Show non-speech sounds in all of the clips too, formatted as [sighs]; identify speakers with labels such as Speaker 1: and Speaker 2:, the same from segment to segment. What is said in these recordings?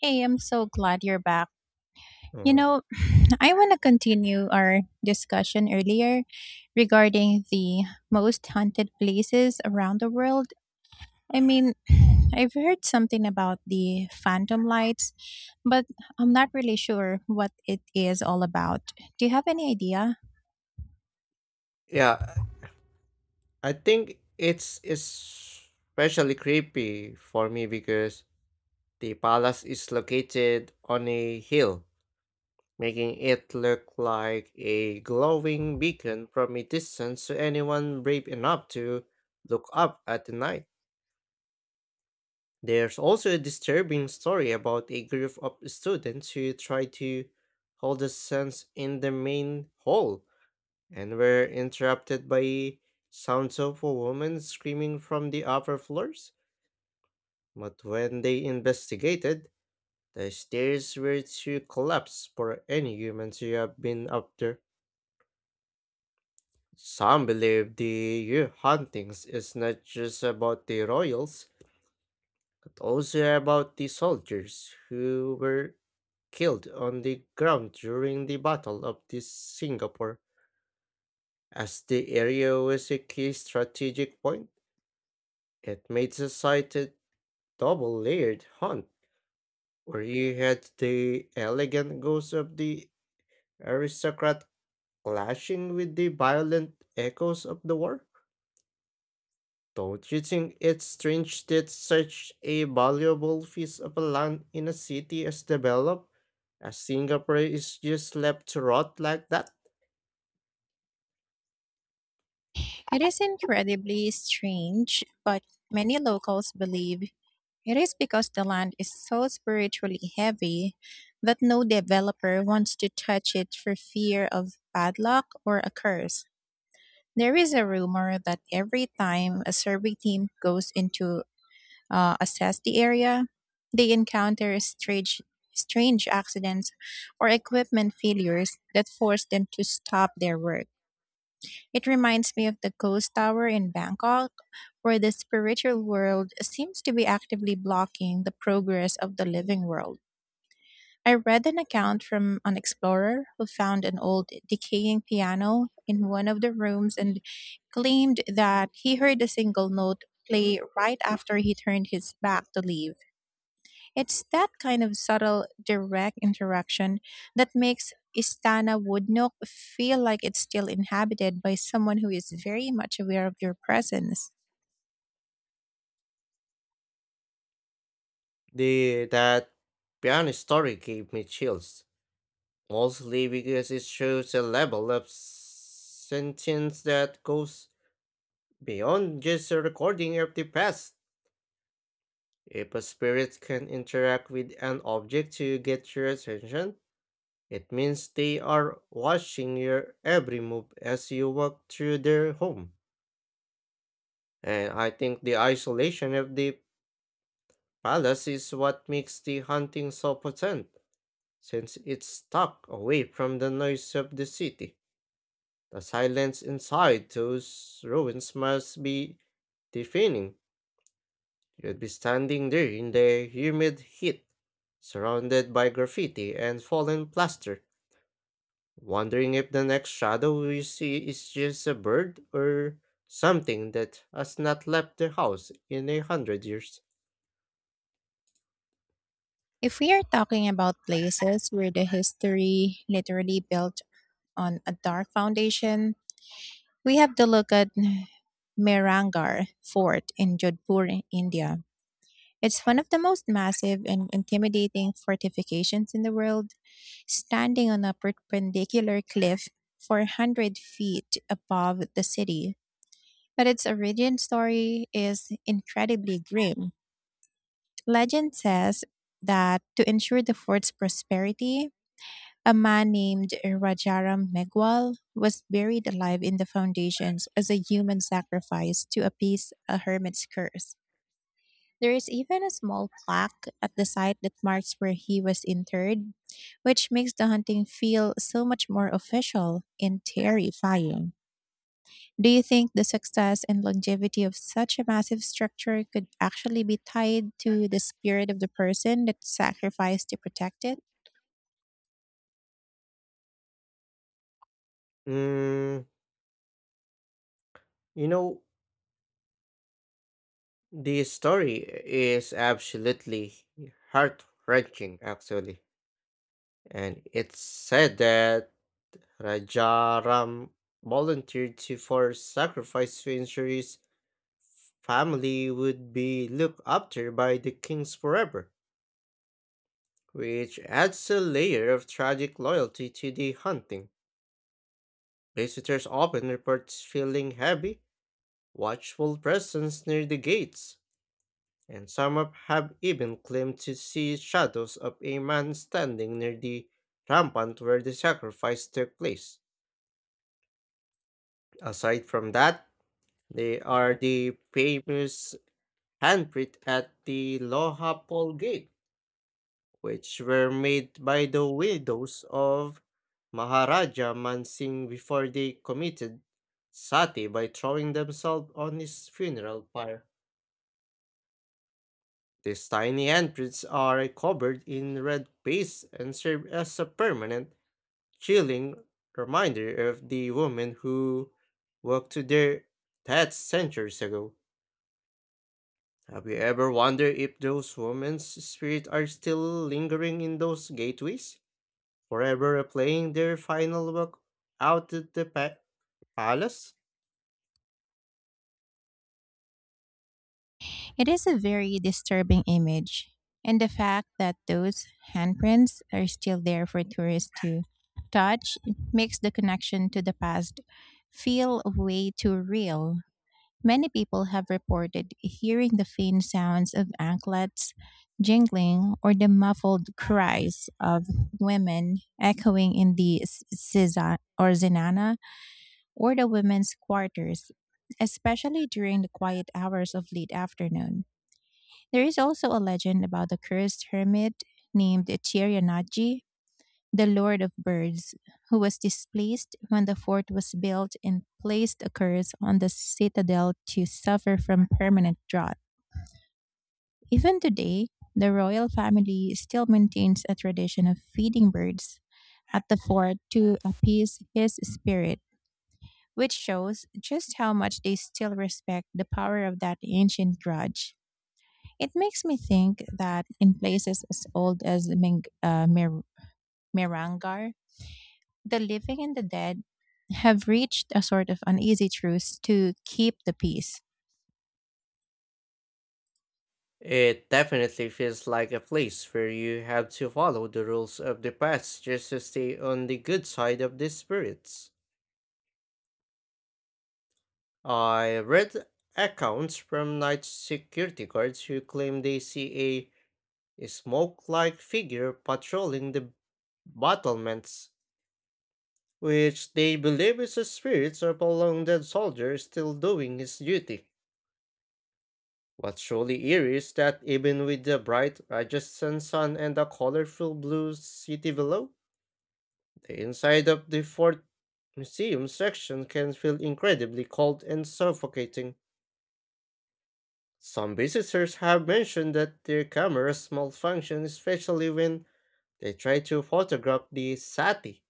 Speaker 1: Hey, I'm so glad you're back. You
Speaker 2: Mm.
Speaker 1: know, [sighs] I want to continue our discussion earlier regarding the most haunted places around the world. I mean, [sighs] I've heard something about the phantom lights, but I'm not really sure what it is all about. Do you have any idea?
Speaker 2: Yeah, I think it's especially creepy for me because the palace is located on a hill, making it look like a glowing beacon from a distance to anyone brave enough to look up at the night. There's also a disturbing story about a group of students who tried to hold the sense in the main hall and were interrupted by sounds of a woman screaming from the upper floors. But when they investigated, the stairs were to collapse for any humans to have been up there. Some believe the year hauntings is not just about the royals, but also about the soldiers who were killed on the ground during the Battle of the Singapore. As the area was a key strategic point, it made the society double-layered hunt, where you had the elegant ghosts of the aristocrat clashing with the violent echoes of the war. Don't you think it's strange that such a valuable piece of land in a city as developed as Singapore is just left to rot like that?
Speaker 1: It is incredibly strange, but many locals believe it is because the land is so spiritually heavy that no developer wants to touch it for fear of bad luck or a curse. There is a rumor that every time a survey team goes into assess the area, they encounter strange, strange accidents or equipment failures that force them to stop their work. It reminds me of the ghost tower in Bangkok, where the spiritual world seems to be actively blocking the progress of the living world. I read an account from an explorer who found an old decaying piano in one of the rooms and claimed that he heard a single note play right after he turned his back to leave. It's that kind of subtle, direct interaction that makes Istana Woodnook feel like it's still inhabited by someone who is very much aware of your presence.
Speaker 2: The that piano story gave me chills, mostly because it shows a level of sentience that goes beyond just a recording of the past. If a spirit can interact with an object to get your attention, it means they are watching your every move as you walk through their home. And I think the isolation of the palace is what makes the hunting so potent, since it's tucked away from the noise of the city. The silence inside those ruins must be deafening. You'd be standing there in the humid heat, surrounded by graffiti and fallen plaster, wondering if the next shadow you see is just a bird or something that has not left the house in a hundred years.
Speaker 1: If we are talking about places where the history literally built on a dark foundation, we have to look at Merangar Fort in Jodhpur, India. It's one of the most massive and intimidating fortifications in the world, standing on a perpendicular cliff 400 feet above the city. But its origin story is incredibly grim. Legend says that to ensure the fort's prosperity, a man named Rajaram Megwal was buried alive in the foundations as a human sacrifice to appease a hermit's curse. There is even a small plaque at the site that marks where he was interred, which makes the hunting feel so much more official and terrifying. Do you think the success and longevity of such a massive structure could actually be tied to the spirit of the person that sacrificed to protect it?
Speaker 2: Mm, you know, the story is absolutely heart wrenching, actually. And it's said that Rajaram volunteered to for sacrifice to ensure his family would be looked after by the kings forever, which adds a layer of tragic loyalty to the hunting. Visitors often report feeling heavy, watchful presence near the gates, and have even claimed to see shadows of a man standing near the rampant where the sacrifice took place. Aside from that, they are the famous handprint at the Lohapol Gate which were made by the widows of Maharaja Man Singh before they committed sati by throwing themselves on his funeral pyre. These tiny handprints are covered in red paste and serve as a permanent, chilling reminder of the women who walked to their deaths centuries ago. Have you ever wondered if those women's spirits are still lingering in those gateways, forever replaying their final walk out of the palace?
Speaker 1: It is a very disturbing image, and the fact that those handprints are still there for tourists to touch makes the connection to the past feel way too real. Many people have reported hearing the faint sounds of anklets jingling or the muffled cries of women echoing in the siza or zenana, or the women's quarters, especially during the quiet hours of late afternoon. There is also a legend about a cursed hermit named Chiryanaji, the lord of birds, who was displaced when the fort was built and placed a curse on the citadel to suffer from permanent drought. Even today, the royal family still maintains a tradition of feeding birds at the fort to appease his spirit, which shows just how much they still respect the power of that ancient grudge. It makes me think that in places as old as Mirangar, the living and the dead have reached a sort of uneasy truce to keep the peace.
Speaker 2: It definitely feels like a place where you have to follow the rules of the past just to stay on the good side of the spirits. I read accounts from night security guards who claim they see a smoke like figure patrolling the battlements, which they believe is a spirit of a long dead soldier still doing his duty. What's truly eerie is that even with the bright Rajasthan sun and the colorful blue city below, the inside of the fort museum section can feel incredibly cold and suffocating. Some visitors have mentioned that their cameras malfunction, especially when they try to photograph the sati,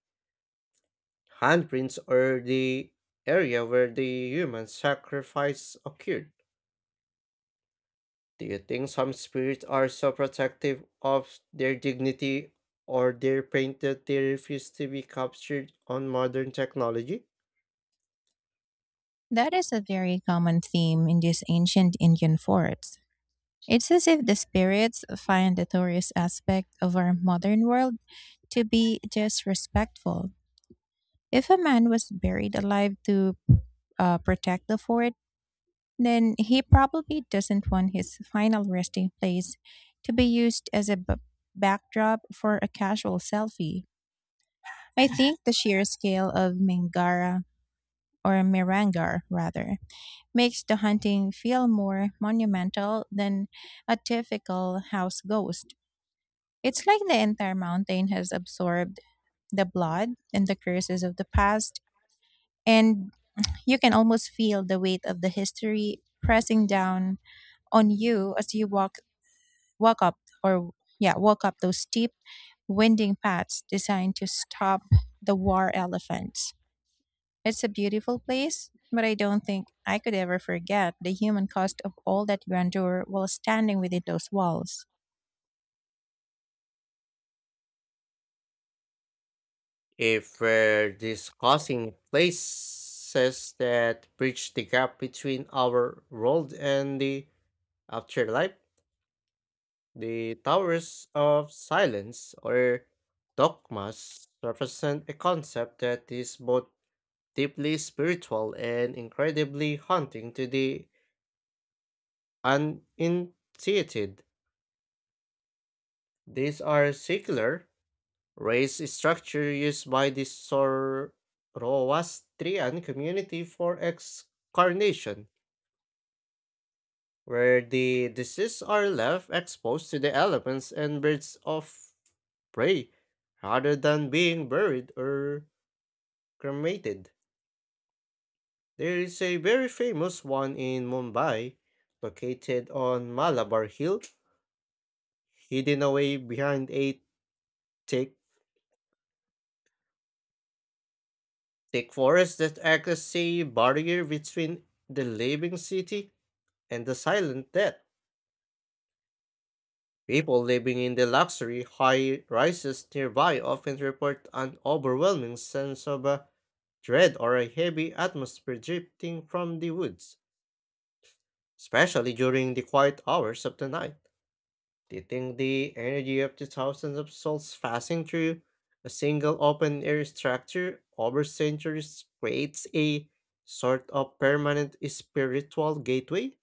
Speaker 2: handprints, or the area where the human sacrifice occurred. Do you think some spirits are so protective of their dignity or their pain that they refuse to be captured on modern technology?
Speaker 1: That is a very common theme in these ancient Indian forts. It's as if the spirits find the tourist aspect of our modern world to be disrespectful. If a man was buried alive to protect the fort, then he probably doesn't want his final resting place to be used as a backdrop for a casual selfie. I think the sheer scale of Mingara, or Mirangar rather, makes the hunting feel more monumental than a typical house ghost. It's like the entire mountain has absorbed the blood and the curses of the past, and you can almost feel the weight of the history pressing down on you as you walk up or yeah, walk up those steep winding paths designed to stop the war elephants. It's a beautiful place, but I don't think I could ever forget the human cost of all that grandeur while standing within those walls.
Speaker 2: If we're discussing places that bridge the gap between our world and the afterlife, the Towers of Silence or dogmas represent a concept that is both deeply spiritual and incredibly haunting to the. And in these are secular race structure used by the Zoroastrian community for excarnation, where the deceased are left exposed to the elements and birds of prey, rather than being buried or cremated. There is a very famous one in Mumbai, located on Malabar Hill, hidden away behind a thick thick forests that act as a barrier between the living city and the silent death. People living in the luxury high rises nearby often report an overwhelming sense of a dread or a heavy atmosphere drifting from the woods, especially during the quiet hours of the night. Do you think the energy of the thousands of souls passing through a single open air structure over centuries creates a sort of permanent spiritual gateway?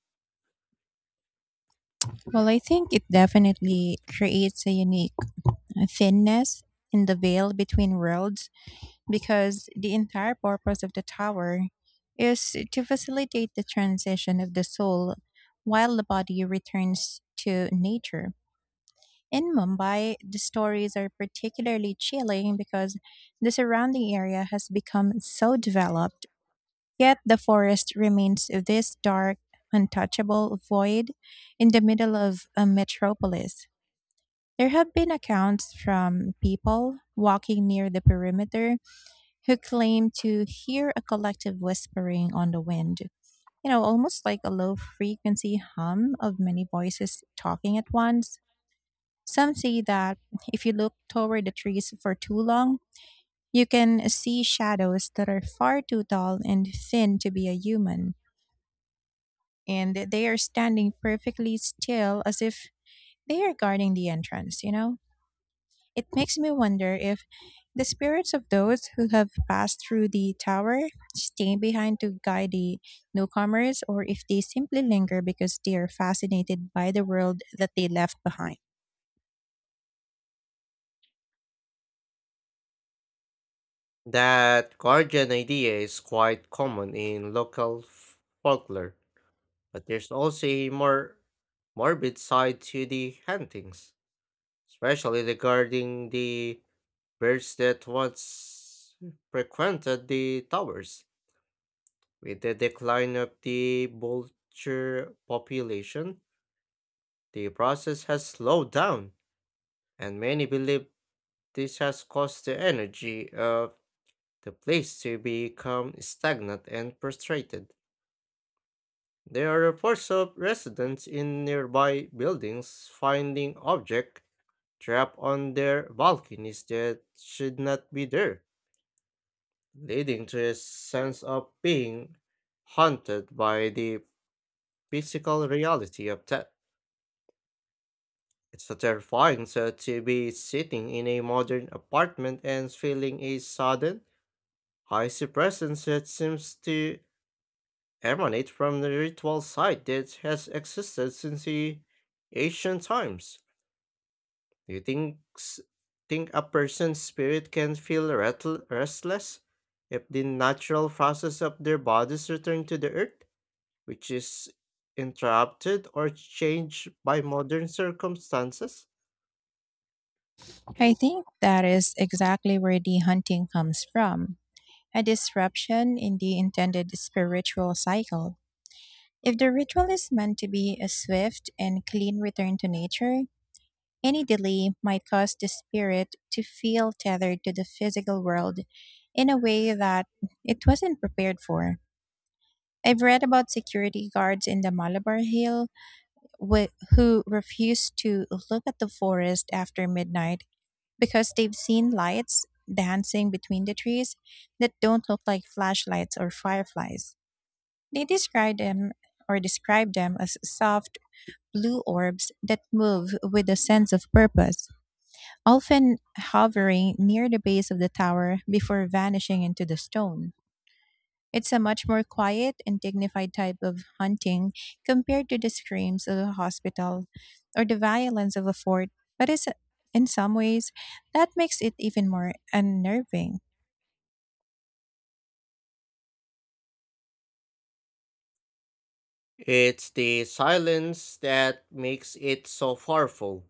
Speaker 1: Well, I think it definitely creates a unique thinness in the veil between worlds, because the entire purpose of the tower is to facilitate the transition of the soul while the body returns to nature. In Mumbai, the stories are particularly chilling because the surrounding area has become so developed, yet the forest remains this dark, untouchable void in the middle of a metropolis. There have been accounts from people walking near the perimeter who claim to hear a collective whispering on the wind. Almost like a low frequency hum of many voices talking at once. Some say that if you look toward the trees for too long, you can see shadows that are far too tall and thin to be a human, and they are standing perfectly still, as if they are guarding the entrance, you know? It makes me wonder if the spirits of those who have passed through the tower stay behind to guide the newcomers, or if they simply linger because they are fascinated by the world that they left behind.
Speaker 2: That guardian idea is quite common in local folklore, but there's also a more morbid side to the hauntings, especially regarding the birds that once frequented the towers. With the decline of the vulture population, the process has slowed down, and many believe this has caused the energy of the place to become stagnant and frustrated. There are reports of residents in nearby buildings finding objects trapped on their balconies that should not be there, leading to a sense of being haunted by the physical reality of that. It's a terrifying thought to be sitting in a modern apartment and feeling a sudden, icy presence that seems to emanate from the ritual site that has existed since the ancient times. Do you think a person's spirit can feel restless if the natural process of their bodies return to the earth, which is interrupted or changed by modern circumstances?
Speaker 1: I think that is exactly where the hunting comes from: a disruption in the intended spiritual cycle. If the ritual is meant to be a swift and clean return to nature, any delay might cause the spirit to feel tethered to the physical world in a way that it wasn't prepared for. I've read about security guards in the Malabar Hill who refused to look at the forest after midnight because they've seen lights dancing between the trees that don't look like flashlights or fireflies. They describe them as soft blue orbs that move with a sense of purpose, often hovering near the base of the tower before vanishing into the stone. It's a much more quiet and dignified type of hunting compared to the screams of a hospital or the violence of a fort, but, it's, in some ways, that makes it even more unnerving.
Speaker 2: It's the silence that makes it so powerful.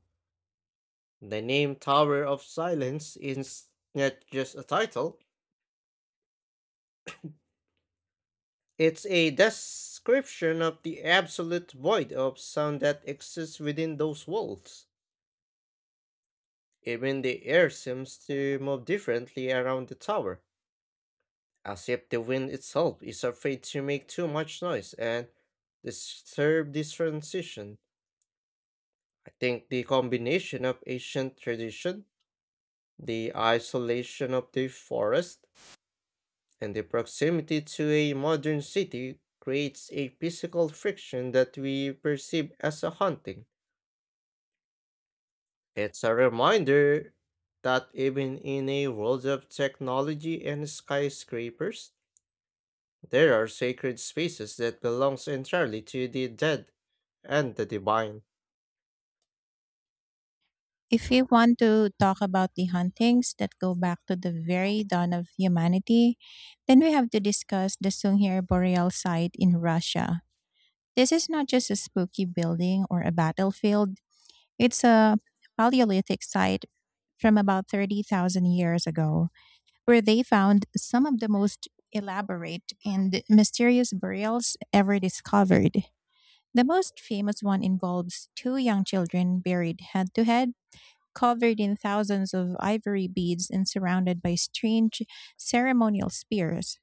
Speaker 2: The name Tower of Silence is not just a title, it's a description of the absolute void of sound that exists within those walls. Even the air seems to move differently around the tower, as if the wind itself is afraid to make too much noise and disturb this transition. I think the combination of ancient tradition, the isolation of the forest, and the proximity to a modern city creates a physical friction that we perceive as a haunting. It's a reminder that even in a world of technology and skyscrapers, there are sacred spaces that belongs entirely to the dead and the divine.
Speaker 1: If we want to talk about the huntings that go back to the very dawn of humanity, then we have to discuss the Sungir Boreal site in Russia. This is not just a spooky building or a battlefield, it's a Paleolithic site from about 30,000 years ago, where they found some of the most elaborate and mysterious burials ever discovered. The most famous one involves two young children buried head to head, covered in thousands of ivory beads and surrounded by strange ceremonial spears.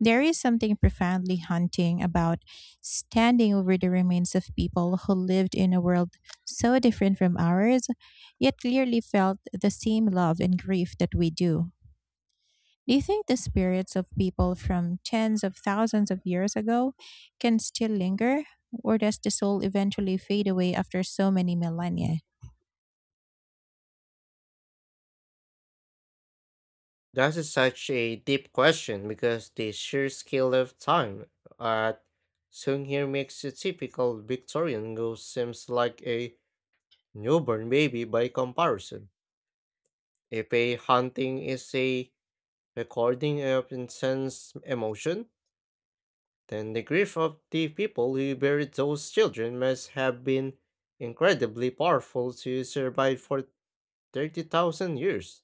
Speaker 1: There is something profoundly haunting about standing over the remains of people who lived in a world so different from ours, yet clearly felt the same love and grief that we do. Do you think the spirits of people from tens of thousands of years ago can still linger, or does the soul eventually fade away after so many millennia?
Speaker 2: That is such a deep question because the sheer scale of time at Sungir makes a typical Victorian ghost seems like a newborn baby by comparison. If a haunting is a recording of intense emotion, then the grief of the people who buried those children must have been incredibly powerful to survive for 30,000 years.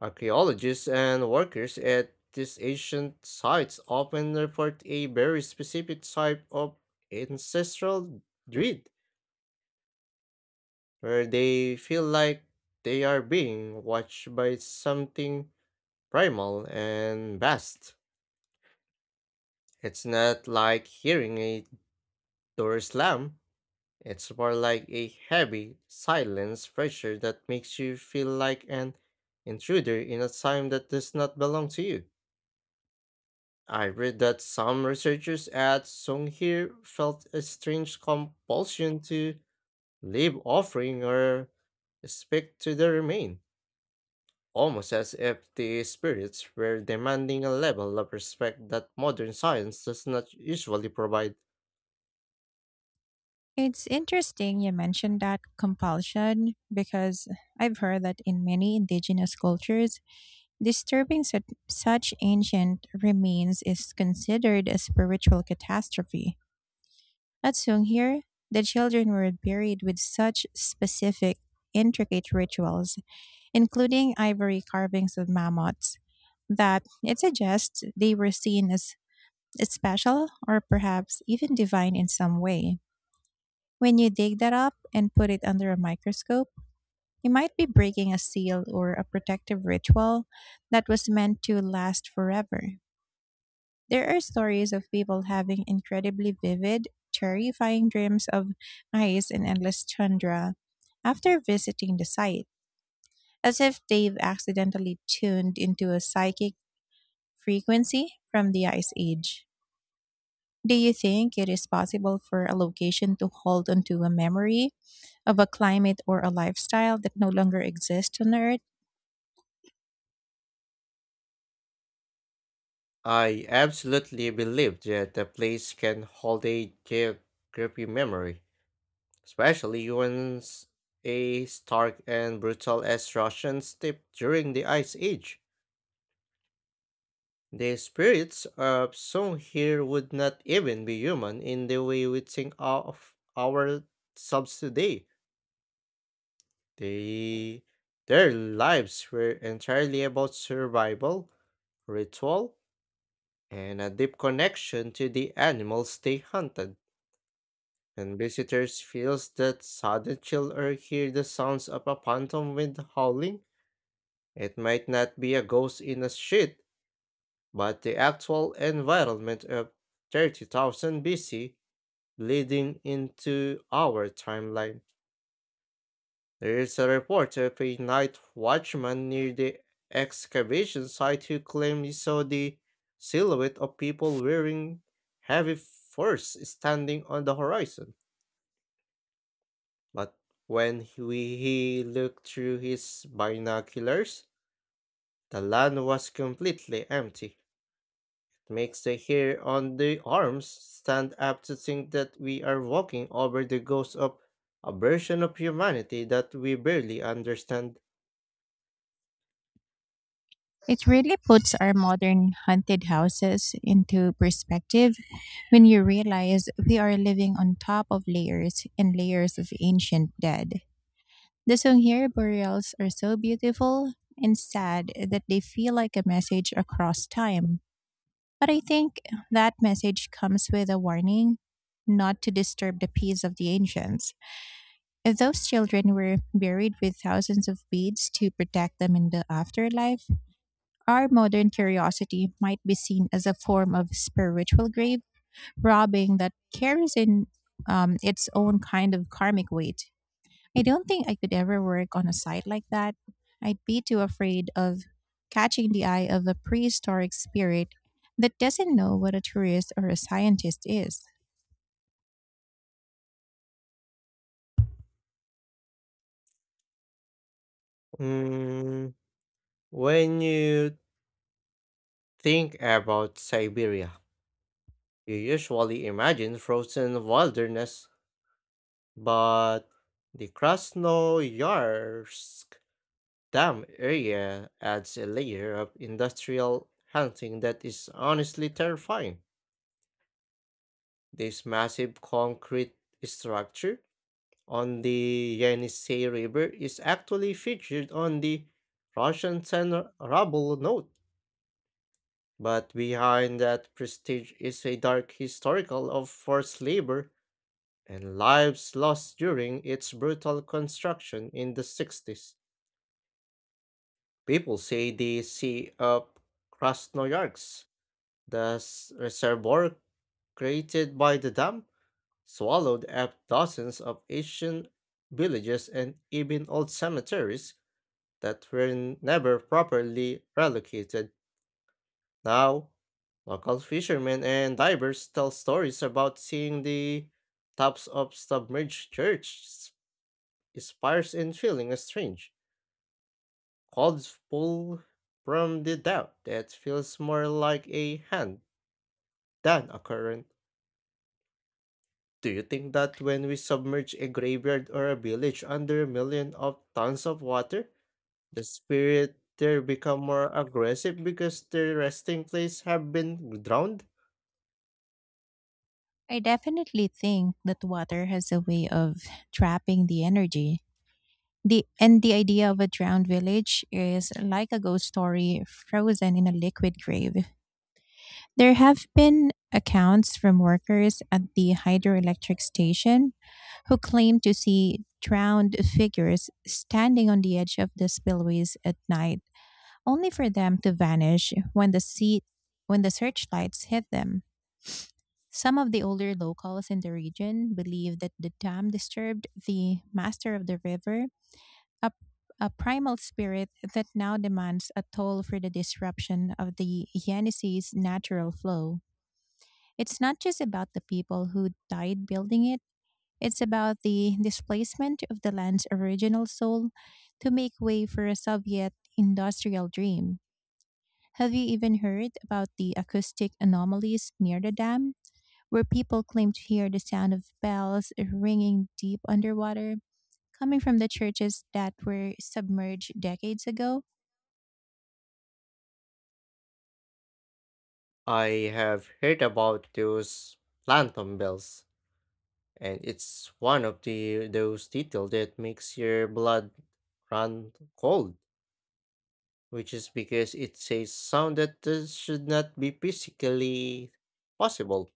Speaker 2: Archaeologists and workers at these ancient sites often report a very specific type of ancestral dread, where they feel like they are being watched by something primal and vast. It's not like hearing a door slam, it's more like a heavy, silence pressure that makes you feel like an intruder in a time that does not belong to you. I read that some researchers at Songhir felt a strange compulsion to leave offering or respect to the remain, almost as if the spirits were demanding a level of respect that modern science does not usually provide.
Speaker 1: It's interesting you mentioned that compulsion, because I've heard that in many indigenous cultures, disturbing such ancient remains is considered a spiritual catastrophe. At Songheir, the children were buried with such specific, intricate rituals, including ivory carvings of mammoths, that it suggests they were seen as special or perhaps even divine in some way. When you dig that up and put it under a microscope, you might be breaking a seal or a protective ritual that was meant to last forever. There are stories of people having incredibly vivid, terrifying dreams of ice and endless tundra after visiting the site, as if they've accidentally tuned into a psychic frequency from the Ice Age. Do you think it is possible for a location to hold onto a memory of a climate or a lifestyle that no longer exists on Earth?
Speaker 2: I absolutely believe that the place can hold a geography memory, especially when a stark and brutal as Russians' steppe during the Ice Age. The spirits of some here would not even be human in the way we think of ourselves today. They, their lives were entirely about survival, ritual, and a deep connection to the animals they hunted. When visitors feels that sudden chill or hear the sounds of a phantom wind howling, it might not be a ghost in a street, but the actual environment of 30,000 BC leading into our timeline. There is a report of a night watchman near the excavation site who claimed he saw the silhouette of people wearing heavy furs standing on the horizon. But when he looked through his binoculars, the land was completely empty. Makes the hair on the arms stand up to think that we are walking over the ghost of a version of humanity that we barely understand.
Speaker 1: It really puts our modern haunted houses into perspective when you realize we are living on top of layers and layers of ancient dead. The Songheer burials are so beautiful and sad that they feel like a message across time. But I think that message comes with a warning not to disturb the peace of the ancients. If those children were buried with thousands of beads to protect them in the afterlife, our modern curiosity might be seen as a form of spiritual grave robbing that carries in its own kind of karmic weight. I don't think I could ever work on a site like that. I'd be too afraid of catching the eye of a prehistoric spirit that doesn't know what a tourist or a scientist is.
Speaker 2: Mm, when you think about Siberia, you usually imagine frozen wilderness, but the Krasnoyarsk dam area adds a layer of industrial hunting that is honestly terrifying. This massive concrete structure on the Yenisei River is actually featured on the Russian 10 Ruble note. But behind that prestige is a dark historical of forced labor and lives lost during its brutal construction in the 60s. People say the Sea of Krasnoyarsk, the reservoir created by the dam, swallowed up dozens of ancient villages and even old cemeteries that were never properly relocated. Now, local fishermen and divers tell stories about seeing the tops of submerged church spires and feeling a strange cold pull from the doubt that feels more like a hand than a current. Do you think that when we submerge a graveyard or a village under a million of tons of water, the spirit there become more aggressive because their resting place have been drowned?
Speaker 1: I definitely think that water has a way of trapping the energy. The, and the idea of a drowned village is like a ghost story frozen in a liquid grave. There have been accounts from workers at the hydroelectric station who claim to see drowned figures standing on the edge of the spillways at night, only for them to vanish when the searchlights hit them. Some of the older locals in the region believe that the dam disturbed the master of the river, a, a primal spirit that now demands a toll for the disruption of the Yenisei's natural flow. It's not just about the people who died building it, it's about the displacement of the land's original soul to make way for a Soviet industrial dream. Have you even heard about the acoustic anomalies near the dam, where people claim to hear the sound of bells ringing deep underwater, coming from the churches that were submerged decades ago?
Speaker 2: I have heard about those phantom bells, and it's one of the those details that makes your blood run cold, which is because it says sound that should not be physically possible.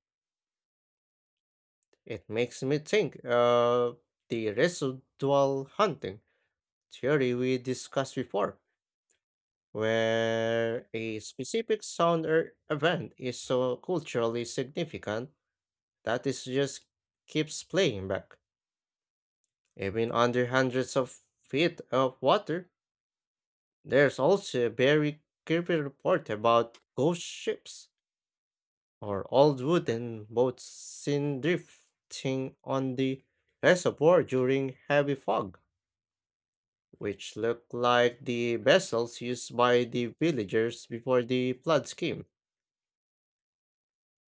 Speaker 2: It makes me think of the residual hunting theory we discussed before, where a specific sound or event is so culturally significant that it just keeps playing back. Even under hundreds of feet of water, there's also a very creepy report about ghost ships or old wooden boats seen drifting on the reservoir during heavy fog, which look like the vessels used by the villagers before the floods came.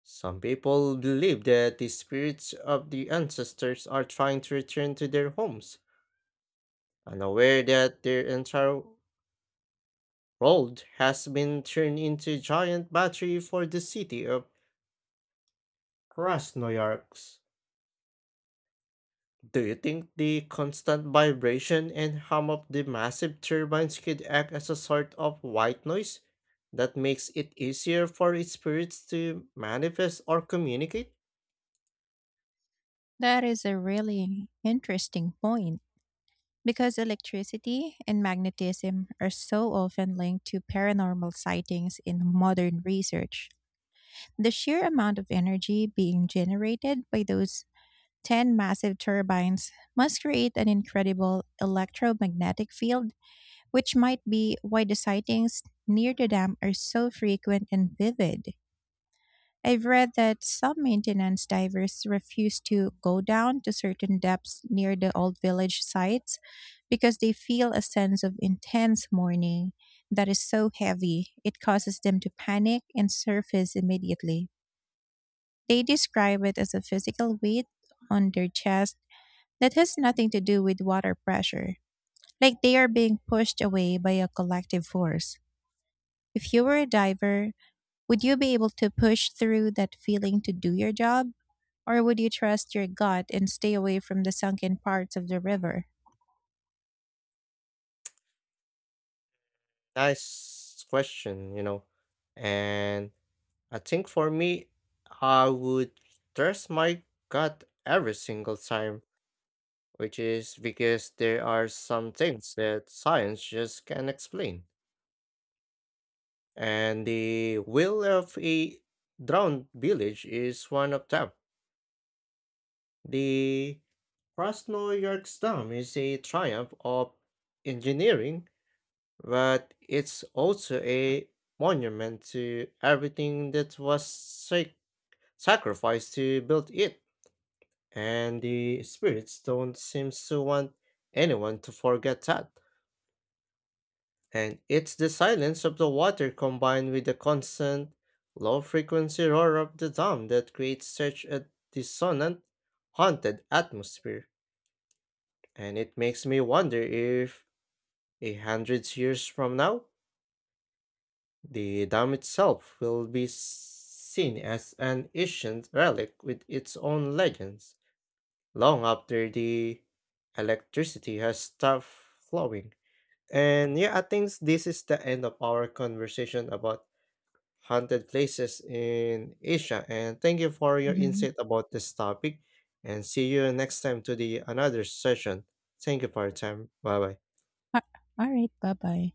Speaker 2: Some people believe that the spirits of the ancestors are trying to return to their homes, unaware that their entire world has been turned into a giant battery for the city of Krasnoyarsk. Do you think the constant vibration and hum of the massive turbines could act as a sort of white noise that makes it easier for its spirits to manifest or communicate?
Speaker 1: That is a really interesting point. Because electricity and magnetism are so often linked to paranormal sightings in modern research, the sheer amount of energy being generated by those 10 massive turbines must create an incredible electromagnetic field, which might be why the sightings near the dam are so frequent and vivid. I've read that some maintenance divers refuse to go down to certain depths near the old village sites because they feel a sense of intense mourning that is so heavy it causes them to panic and surface immediately. They describe it as a physical weight on their chest that has nothing to do with water pressure, like they are being pushed away by a collective force. If you were a diver, would you be able to push through that feeling to do your job? Or would you trust your gut and stay away from the sunken parts of the river?
Speaker 2: Nice question, you know. And I think for me, I would trust my gut every single time, which is because there are some things that science just can't explain, and the will of a drowned village is one of them. The Krasnoyarsk Dam is a triumph of engineering, but it's also a monument to everything that was sacrificed to build it, and the spirits don't seem to want anyone to forget that. And it's the silence of the water combined with the constant, low frequency roar of the dam that creates such a dissonant, haunted atmosphere. And it makes me wonder if, a hundred years from now, the dam itself will be seen as an ancient relic with its own legends, long after the electricity has stopped flowing. And yeah, I think this is the end of our conversation about haunted places in Asia. And thank you for your
Speaker 1: Mhm.
Speaker 2: insight about this topic. And see you next time to the another session. Thank you for your time. Bye bye.
Speaker 1: All right, bye bye.